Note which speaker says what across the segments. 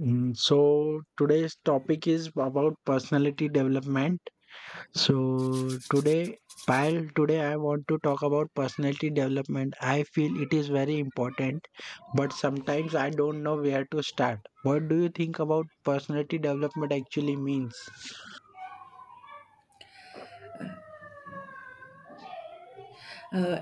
Speaker 1: So today's topic is about personality development. So today, Payal, today I want to talk about personality development. I feel it is very important, but sometimes I don't know where to start. What do you think about personality development actually means?
Speaker 2: uh,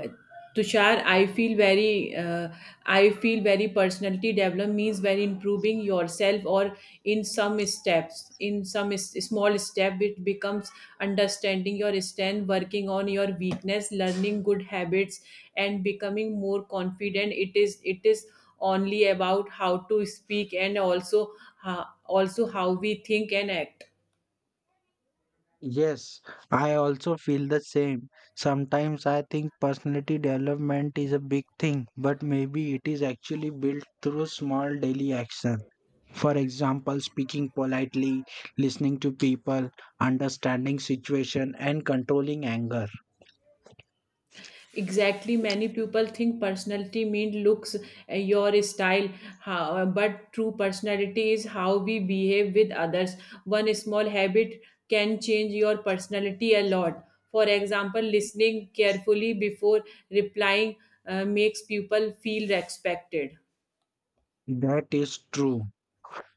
Speaker 2: Tushar, I feel very, personality development means very improving yourself or in some steps, in some s- small step, it becomes understanding your strength, working on your weakness, learning good habits, and becoming more confident. It is only about how to speak and also, also how we think and act.
Speaker 1: Yes, I also feel the same. Sometimes I think personality development is a big thing, but maybe it is actually built through small daily actions. For example, speaking politely, listening to people, understanding situation and controlling anger.
Speaker 2: Exactly, many people think personality means looks, your style, but true personality is how we behave with others. One small habit can change your personality a lot. For example, listening carefully before replying makes people feel respected.
Speaker 1: That is true.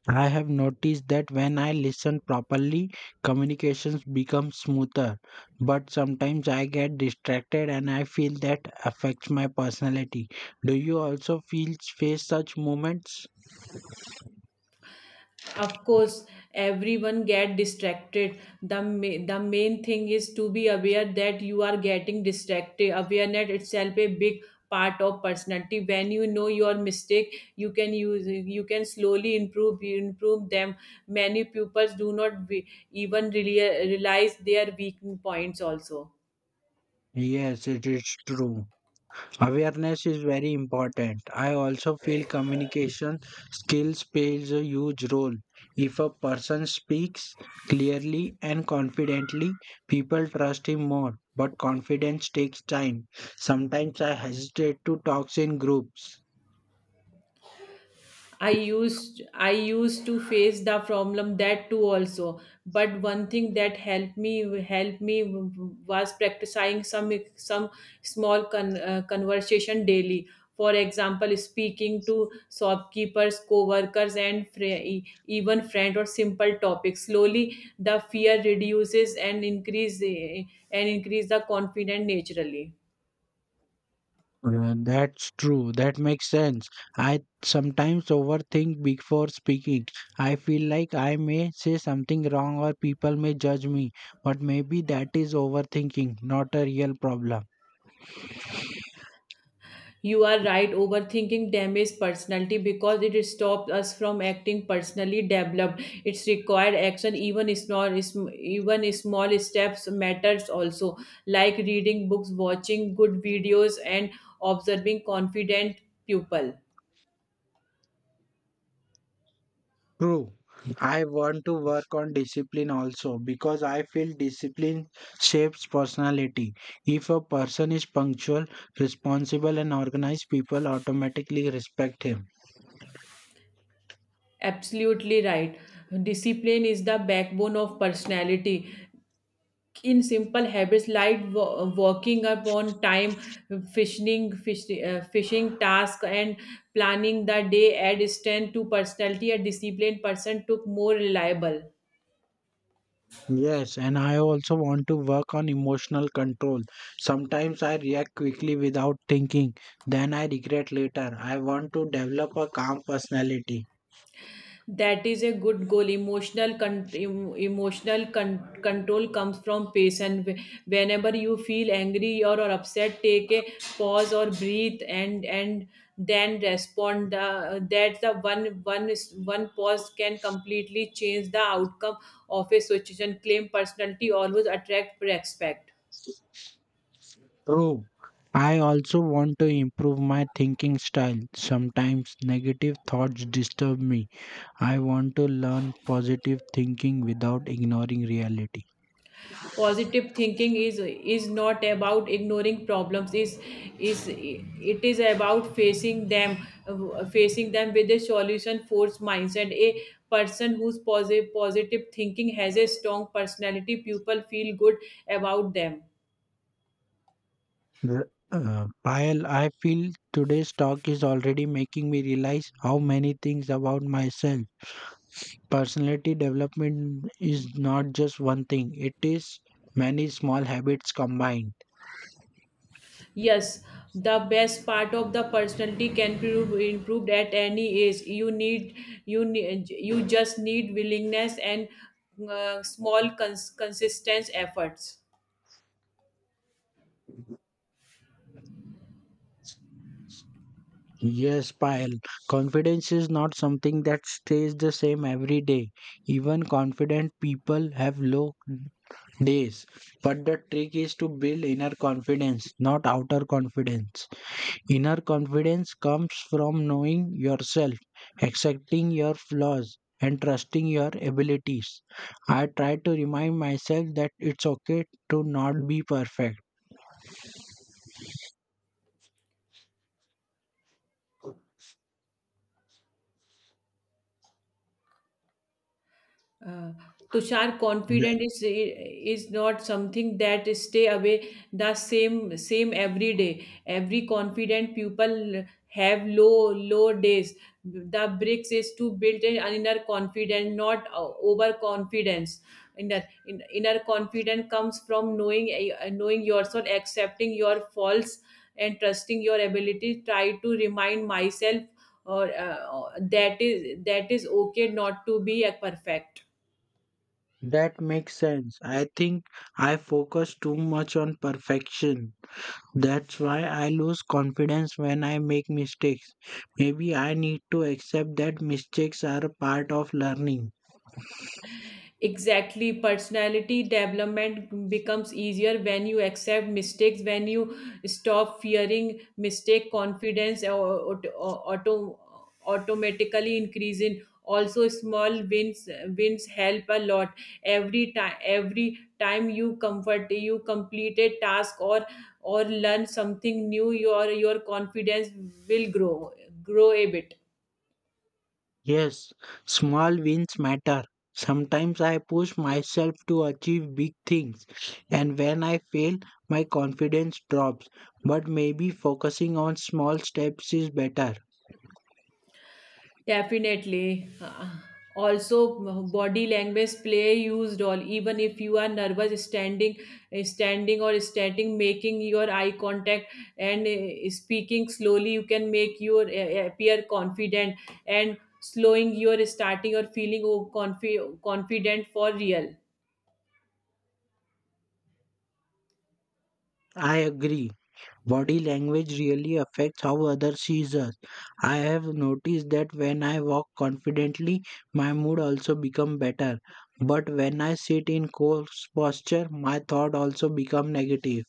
Speaker 1: I have noticed that when I listen properly, communications become smoother. But sometimes I get distracted and I feel that affects my personality. Do you also feel face such moments?
Speaker 2: Of course, everyone get distracted. The main thing is to be aware that you are getting distracted. Awareness itself a big part of personality. When you know your mistake, you can use, you can slowly improve them. Many pupils do not be, even really realize their weak points also.
Speaker 1: Yes, it is true. Awareness is very important. I also feel communication skills plays a huge role. If a person speaks clearly and confidently, people trust him more. But confidence takes time. Sometimes I hesitate to talk in groups.
Speaker 2: I used to face the problem that too also. But one thing that helped me was practicing some small conversation daily. For example, speaking to shopkeepers, co-workers, and even friend or simple topics. Slowly, the fear reduces and increase the confidence naturally.
Speaker 1: That's true. That makes sense. I sometimes overthink before speaking. I feel like I may say something wrong or people may judge me, but maybe that is overthinking, not a real problem.
Speaker 2: You are right, overthinking damages personality because it stops us from acting personally developed. It's required action, even small steps matters also, like reading books, watching good videos, and observing confident people.
Speaker 1: True. I want to work on discipline also because I feel discipline shapes personality. If a person is punctual, responsible, and organized, people automatically respect him.
Speaker 2: Absolutely right. Discipline is the backbone of personality. In simple habits like walking up on time, fishing task and planning the day add strength to personality. A disciplined person took more reliable.
Speaker 1: Yes, and I also want to work on emotional control. Sometimes I react quickly without thinking, then I regret later. I want to develop a calm personality.
Speaker 2: That is a good goal. Emotional con- em- emotional con- control comes from patience. Whenever you feel angry or upset, take a pause or breathe, and then respond. That's the one pause can completely change the outcome of a situation. Claim personality always attract respect.
Speaker 1: True. I also want to improve my thinking style. Sometimes negative thoughts disturb me. I want to learn positive thinking without ignoring reality.
Speaker 2: Positive thinking is not about ignoring problems. Is about facing them with a solution force mindset. A person whose positive thinking has a strong personality, people feel good about them.
Speaker 1: Payal, I feel today's talk is already making me realize how many things about myself. Personality development is not just one thing, it is many small habits combined.
Speaker 2: Yes, the best part of the personality can be improved at any age. You just need willingness and small consistent efforts.
Speaker 1: Yes, Payal, confidence is not something that stays the same every day. Even confident people have low days. But the trick is to build inner confidence, not outer confidence. Inner confidence comes from knowing yourself, accepting your flaws, and trusting your abilities. I try to remind myself that it's okay to not be perfect.
Speaker 2: Uh, Tushar, confident is not something that stay away the same every day. Every confident people have low days. The bricks is to build an inner confidence, not overconfidence. Inner confidence comes from knowing, knowing yourself, accepting your faults, and trusting your ability. Try to remind myself or that is okay not to be a perfect.
Speaker 1: That makes sense. I think I focus too much on perfection. That's why I lose confidence when I make mistakes. Maybe I need to accept that mistakes are a part of learning.
Speaker 2: Exactly, personality development becomes easier when you accept mistakes. When you stop fearing mistake, confidence automatically increase in. Also, small wins help a lot. Every time you complete a task or learn something new, your confidence will grow a bit.
Speaker 1: Yes, small wins matter. Sometimes I push myself to achieve big things, and when I fail, my confidence drops. But maybe focusing on small steps is better.
Speaker 2: Definitely. Uh, Also, body language play used all. Even if you are nervous, standing, making your eye contact and speaking slowly, you can make your appear confident and slowing your starting or feeling, oh, confident for real.
Speaker 1: I agree. Body language really affects how others see us. I have noticed that when I walk confidently, my mood also become better. But when I sit in coarse posture, my thought also become negative.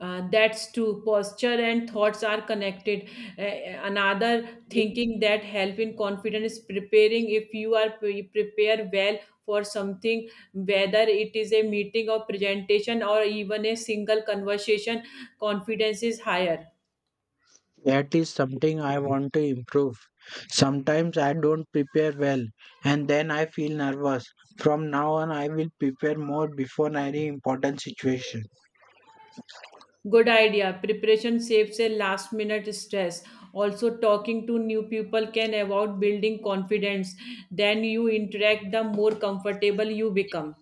Speaker 2: That's true. Posture and thoughts are connected. Another thinking that help in confidence is preparing. If you are prepare well for something, whether it is a meeting or presentation or even a single conversation, confidence is higher.
Speaker 1: That is something I want to improve. Sometimes I don't prepare well and then I feel nervous. From now on, I will prepare more before any important situation.
Speaker 2: Good idea. Preparation saves a last minute stress. Also, talking to new people can about building confidence. Then you interact, the more comfortable you become.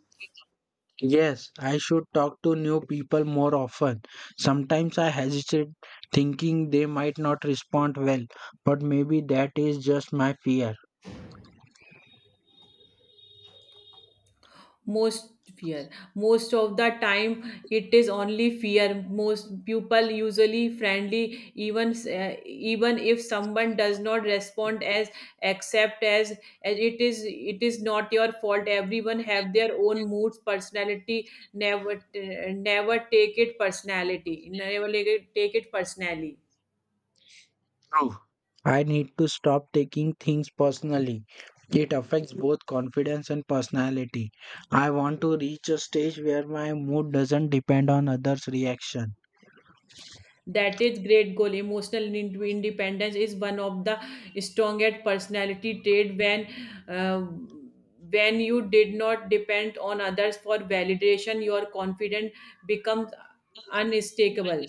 Speaker 1: Yes, I should talk to new people more often. Sometimes I hesitate thinking they might not respond well, but maybe that is just my fear.
Speaker 2: Most fear, most of the time it is only fear. Most people usually friendly, even even if someone does not respond as accept as it is not your fault. Everyone have their own moods personality. Never never take it personality, never take it personally.
Speaker 1: True. I need to stop taking things personally. It affects both confidence and personality. I want to reach a stage where my mood doesn't depend on others' reaction.
Speaker 2: That is great goal. Emotional independence is one of the strongest personality trait. When uh, when you did not depend on others for validation, your confidence becomes unmistakable,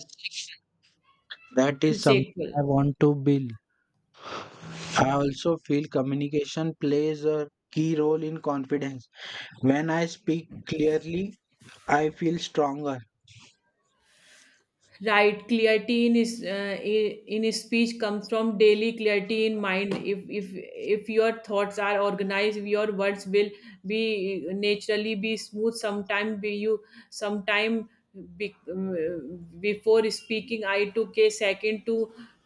Speaker 1: That is something I
Speaker 2: unshakable.
Speaker 1: want to build. I also feel communication plays a key role in confidence. When I speak clearly, I feel stronger.
Speaker 2: Right, clarity in his speech comes from daily clarity in mind. If your thoughts are organized, your words will be, naturally be smooth. Sometime be you sometime be, Before speaking, I took a second to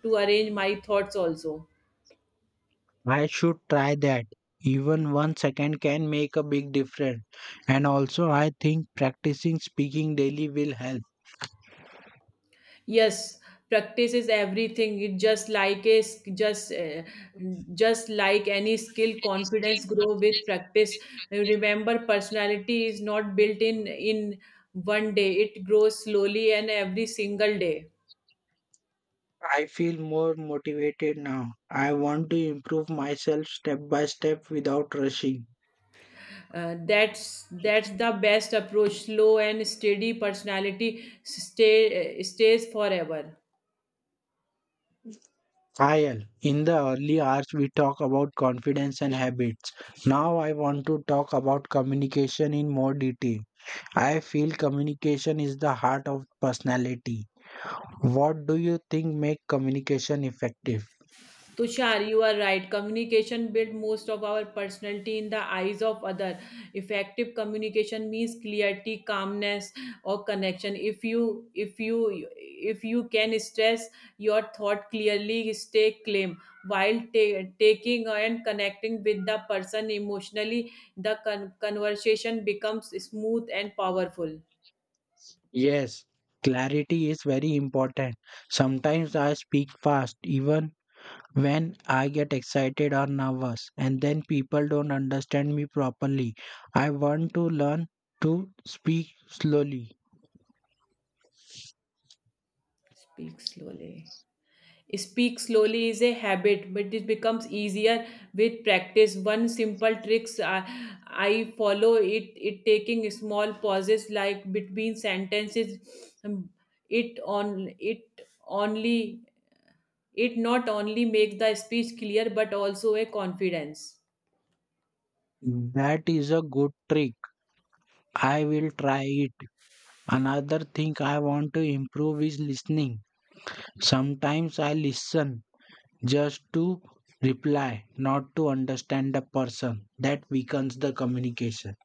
Speaker 2: to arrange my thoughts also.
Speaker 1: I should try that. Even 1 second can make a big difference. And also, I think practicing speaking daily will help.
Speaker 2: Yes, practice is everything. It just like a s- just like any skill, confidence grow with practice. Remember, personality is not built in one day. It grows slowly and every single day.
Speaker 1: I feel more motivated now. I want to improve myself step by step without rushing.
Speaker 2: That's the best approach. Slow and steady personality stays forever.
Speaker 1: Ayal, in the early hours we talk about confidence and habits. Now I want to talk about communication in more detail. I feel communication is the heart of personality. What do you think make communication effective?
Speaker 2: Tushar, you are right. Communication build most of our personality in the eyes of other. Effective communication means clarity, calmness, or connection. If you can stress your thought clearly, stay calm while taking and connecting with the person emotionally. The conversation becomes smooth and powerful.
Speaker 1: Yes, clarity is very important. Sometimes I speak fast even when I get excited or nervous and then people don't understand me properly, I want to learn to speak slowly.
Speaker 2: Speak slowly. Speak slowly is a habit, but it becomes easier with practice. One simple tricks I follow, it taking small pauses like between sentences. Um, It on it only it not only makes the speech clear but also a confidence.
Speaker 1: That is a good trick. I will try it. Another thing I want to improve is listening. Sometimes I listen just to reply, not to understand the person. That weakens the communication.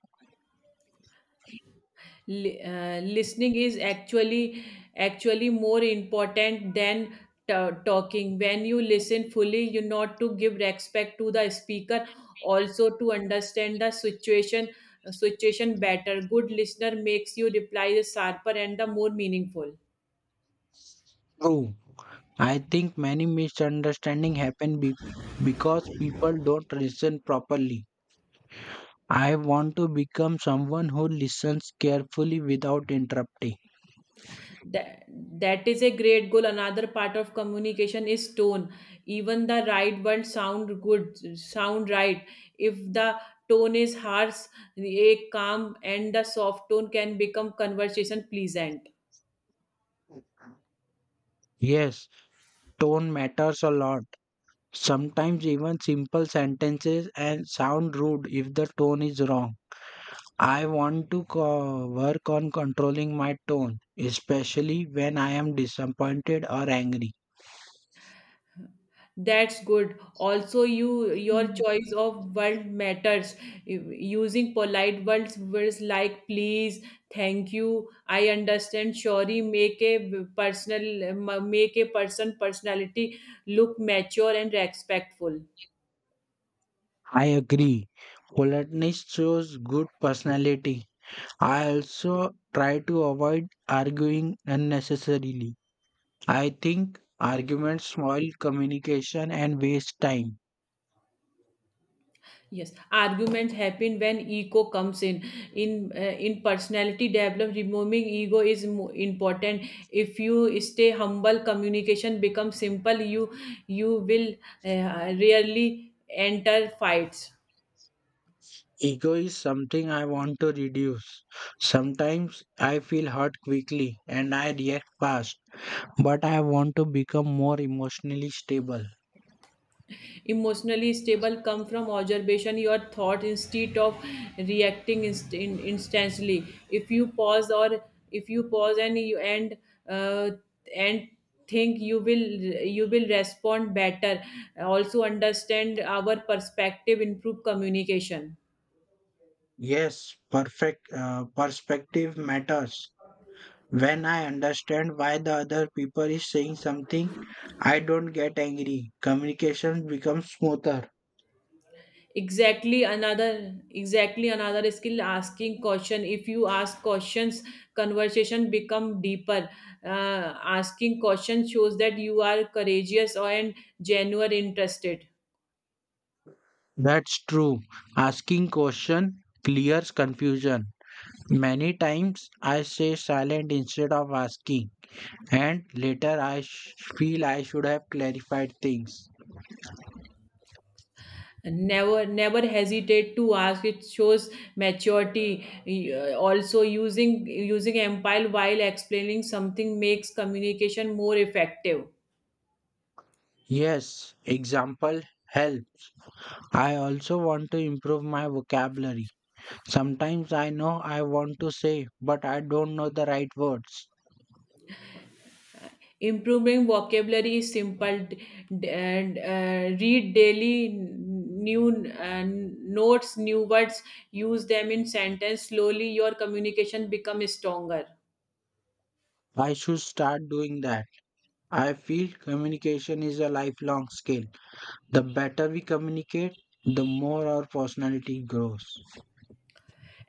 Speaker 2: Listening is actually more important than talking. When you listen fully, you not to give respect to the speaker, also to understand the situation situation better. Good listener makes you reply sharper and the more meaningful.
Speaker 1: True. I think many misunderstandings happen because people don't listen properly. I want to become someone who listens carefully without interrupting.
Speaker 2: That is a great goal. Another part of communication is tone. Even the right words sound good, sound right if the tone is harsh. A calm and the soft tone can become conversation pleasant.
Speaker 1: Yes, tone matters a lot. Sometimes even simple sentences and sound rude if the tone is wrong. I want to work on controlling my tone, especially when I am disappointed or angry.
Speaker 2: That's good. Also, you, your choice of word matters. Using polite words like please, thank you, I understand, sorry make a personality look mature and respectful.
Speaker 1: I agree. Politeness shows good personality. I also try to avoid arguing unnecessarily. I think arguments spoil communication and waste time.
Speaker 2: Yes, arguments happen when ego comes in. In uh, in personality development, removing ego is important. If you stay humble, communication becomes simple. You will rarely enter fights.
Speaker 1: Ego is something I want to reduce. Sometimes I feel hurt quickly and I react fast, but I want to become more emotionally stable.
Speaker 2: Emotionally stable come from observation your thought instead of reacting instantly. if you pause or if you pause and you uh, and think, you will respond better. Also understand our perspective improve communication.
Speaker 1: Yes, perfect perspective matters. When I understand why the other people is saying something, I don't get angry. Communication becomes smoother.
Speaker 2: Exactly, another skill, asking question. If you ask questions, conversation become deeper. Asking questions shows that you are courageous and genuine interested.
Speaker 1: That's true. Asking question clears confusion. Many times I stay silent instead of asking, and later I feel I should have clarified things.
Speaker 2: Never hesitate to ask, it shows maturity. Also, using empire while explaining something makes communication more effective.
Speaker 1: Yes, example help. I also want to improve my vocabulary. Sometimes I know I want to say, but I don't know the right words.
Speaker 2: Improving vocabulary is simple. Read daily new notes, new words. Use them in sentence. Slowly, your communication becomes stronger.
Speaker 1: I should start doing that. I feel communication is a lifelong skill. The better we communicate, the more our personality grows.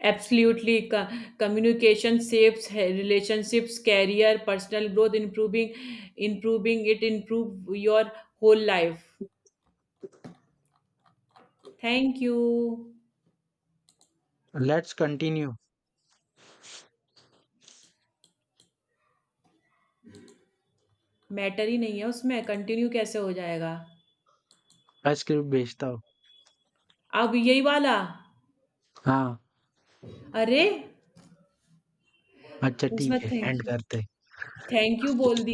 Speaker 2: Absolutely, communication saves relationships, career, personal growth. Improving it improve your whole life. Thank you.
Speaker 1: Let's continue.
Speaker 2: Matter ही नहीं है, उसमें continue कैसे हो जाएगा।
Speaker 1: I script bhejta hu.
Speaker 2: अब यही वाला।
Speaker 1: हाँ
Speaker 2: अरे,
Speaker 1: अच्छा
Speaker 2: उसमें
Speaker 1: ठीक है, एंड
Speaker 2: थैंक यू,
Speaker 1: करते।
Speaker 2: थैंक यू बोल दिया।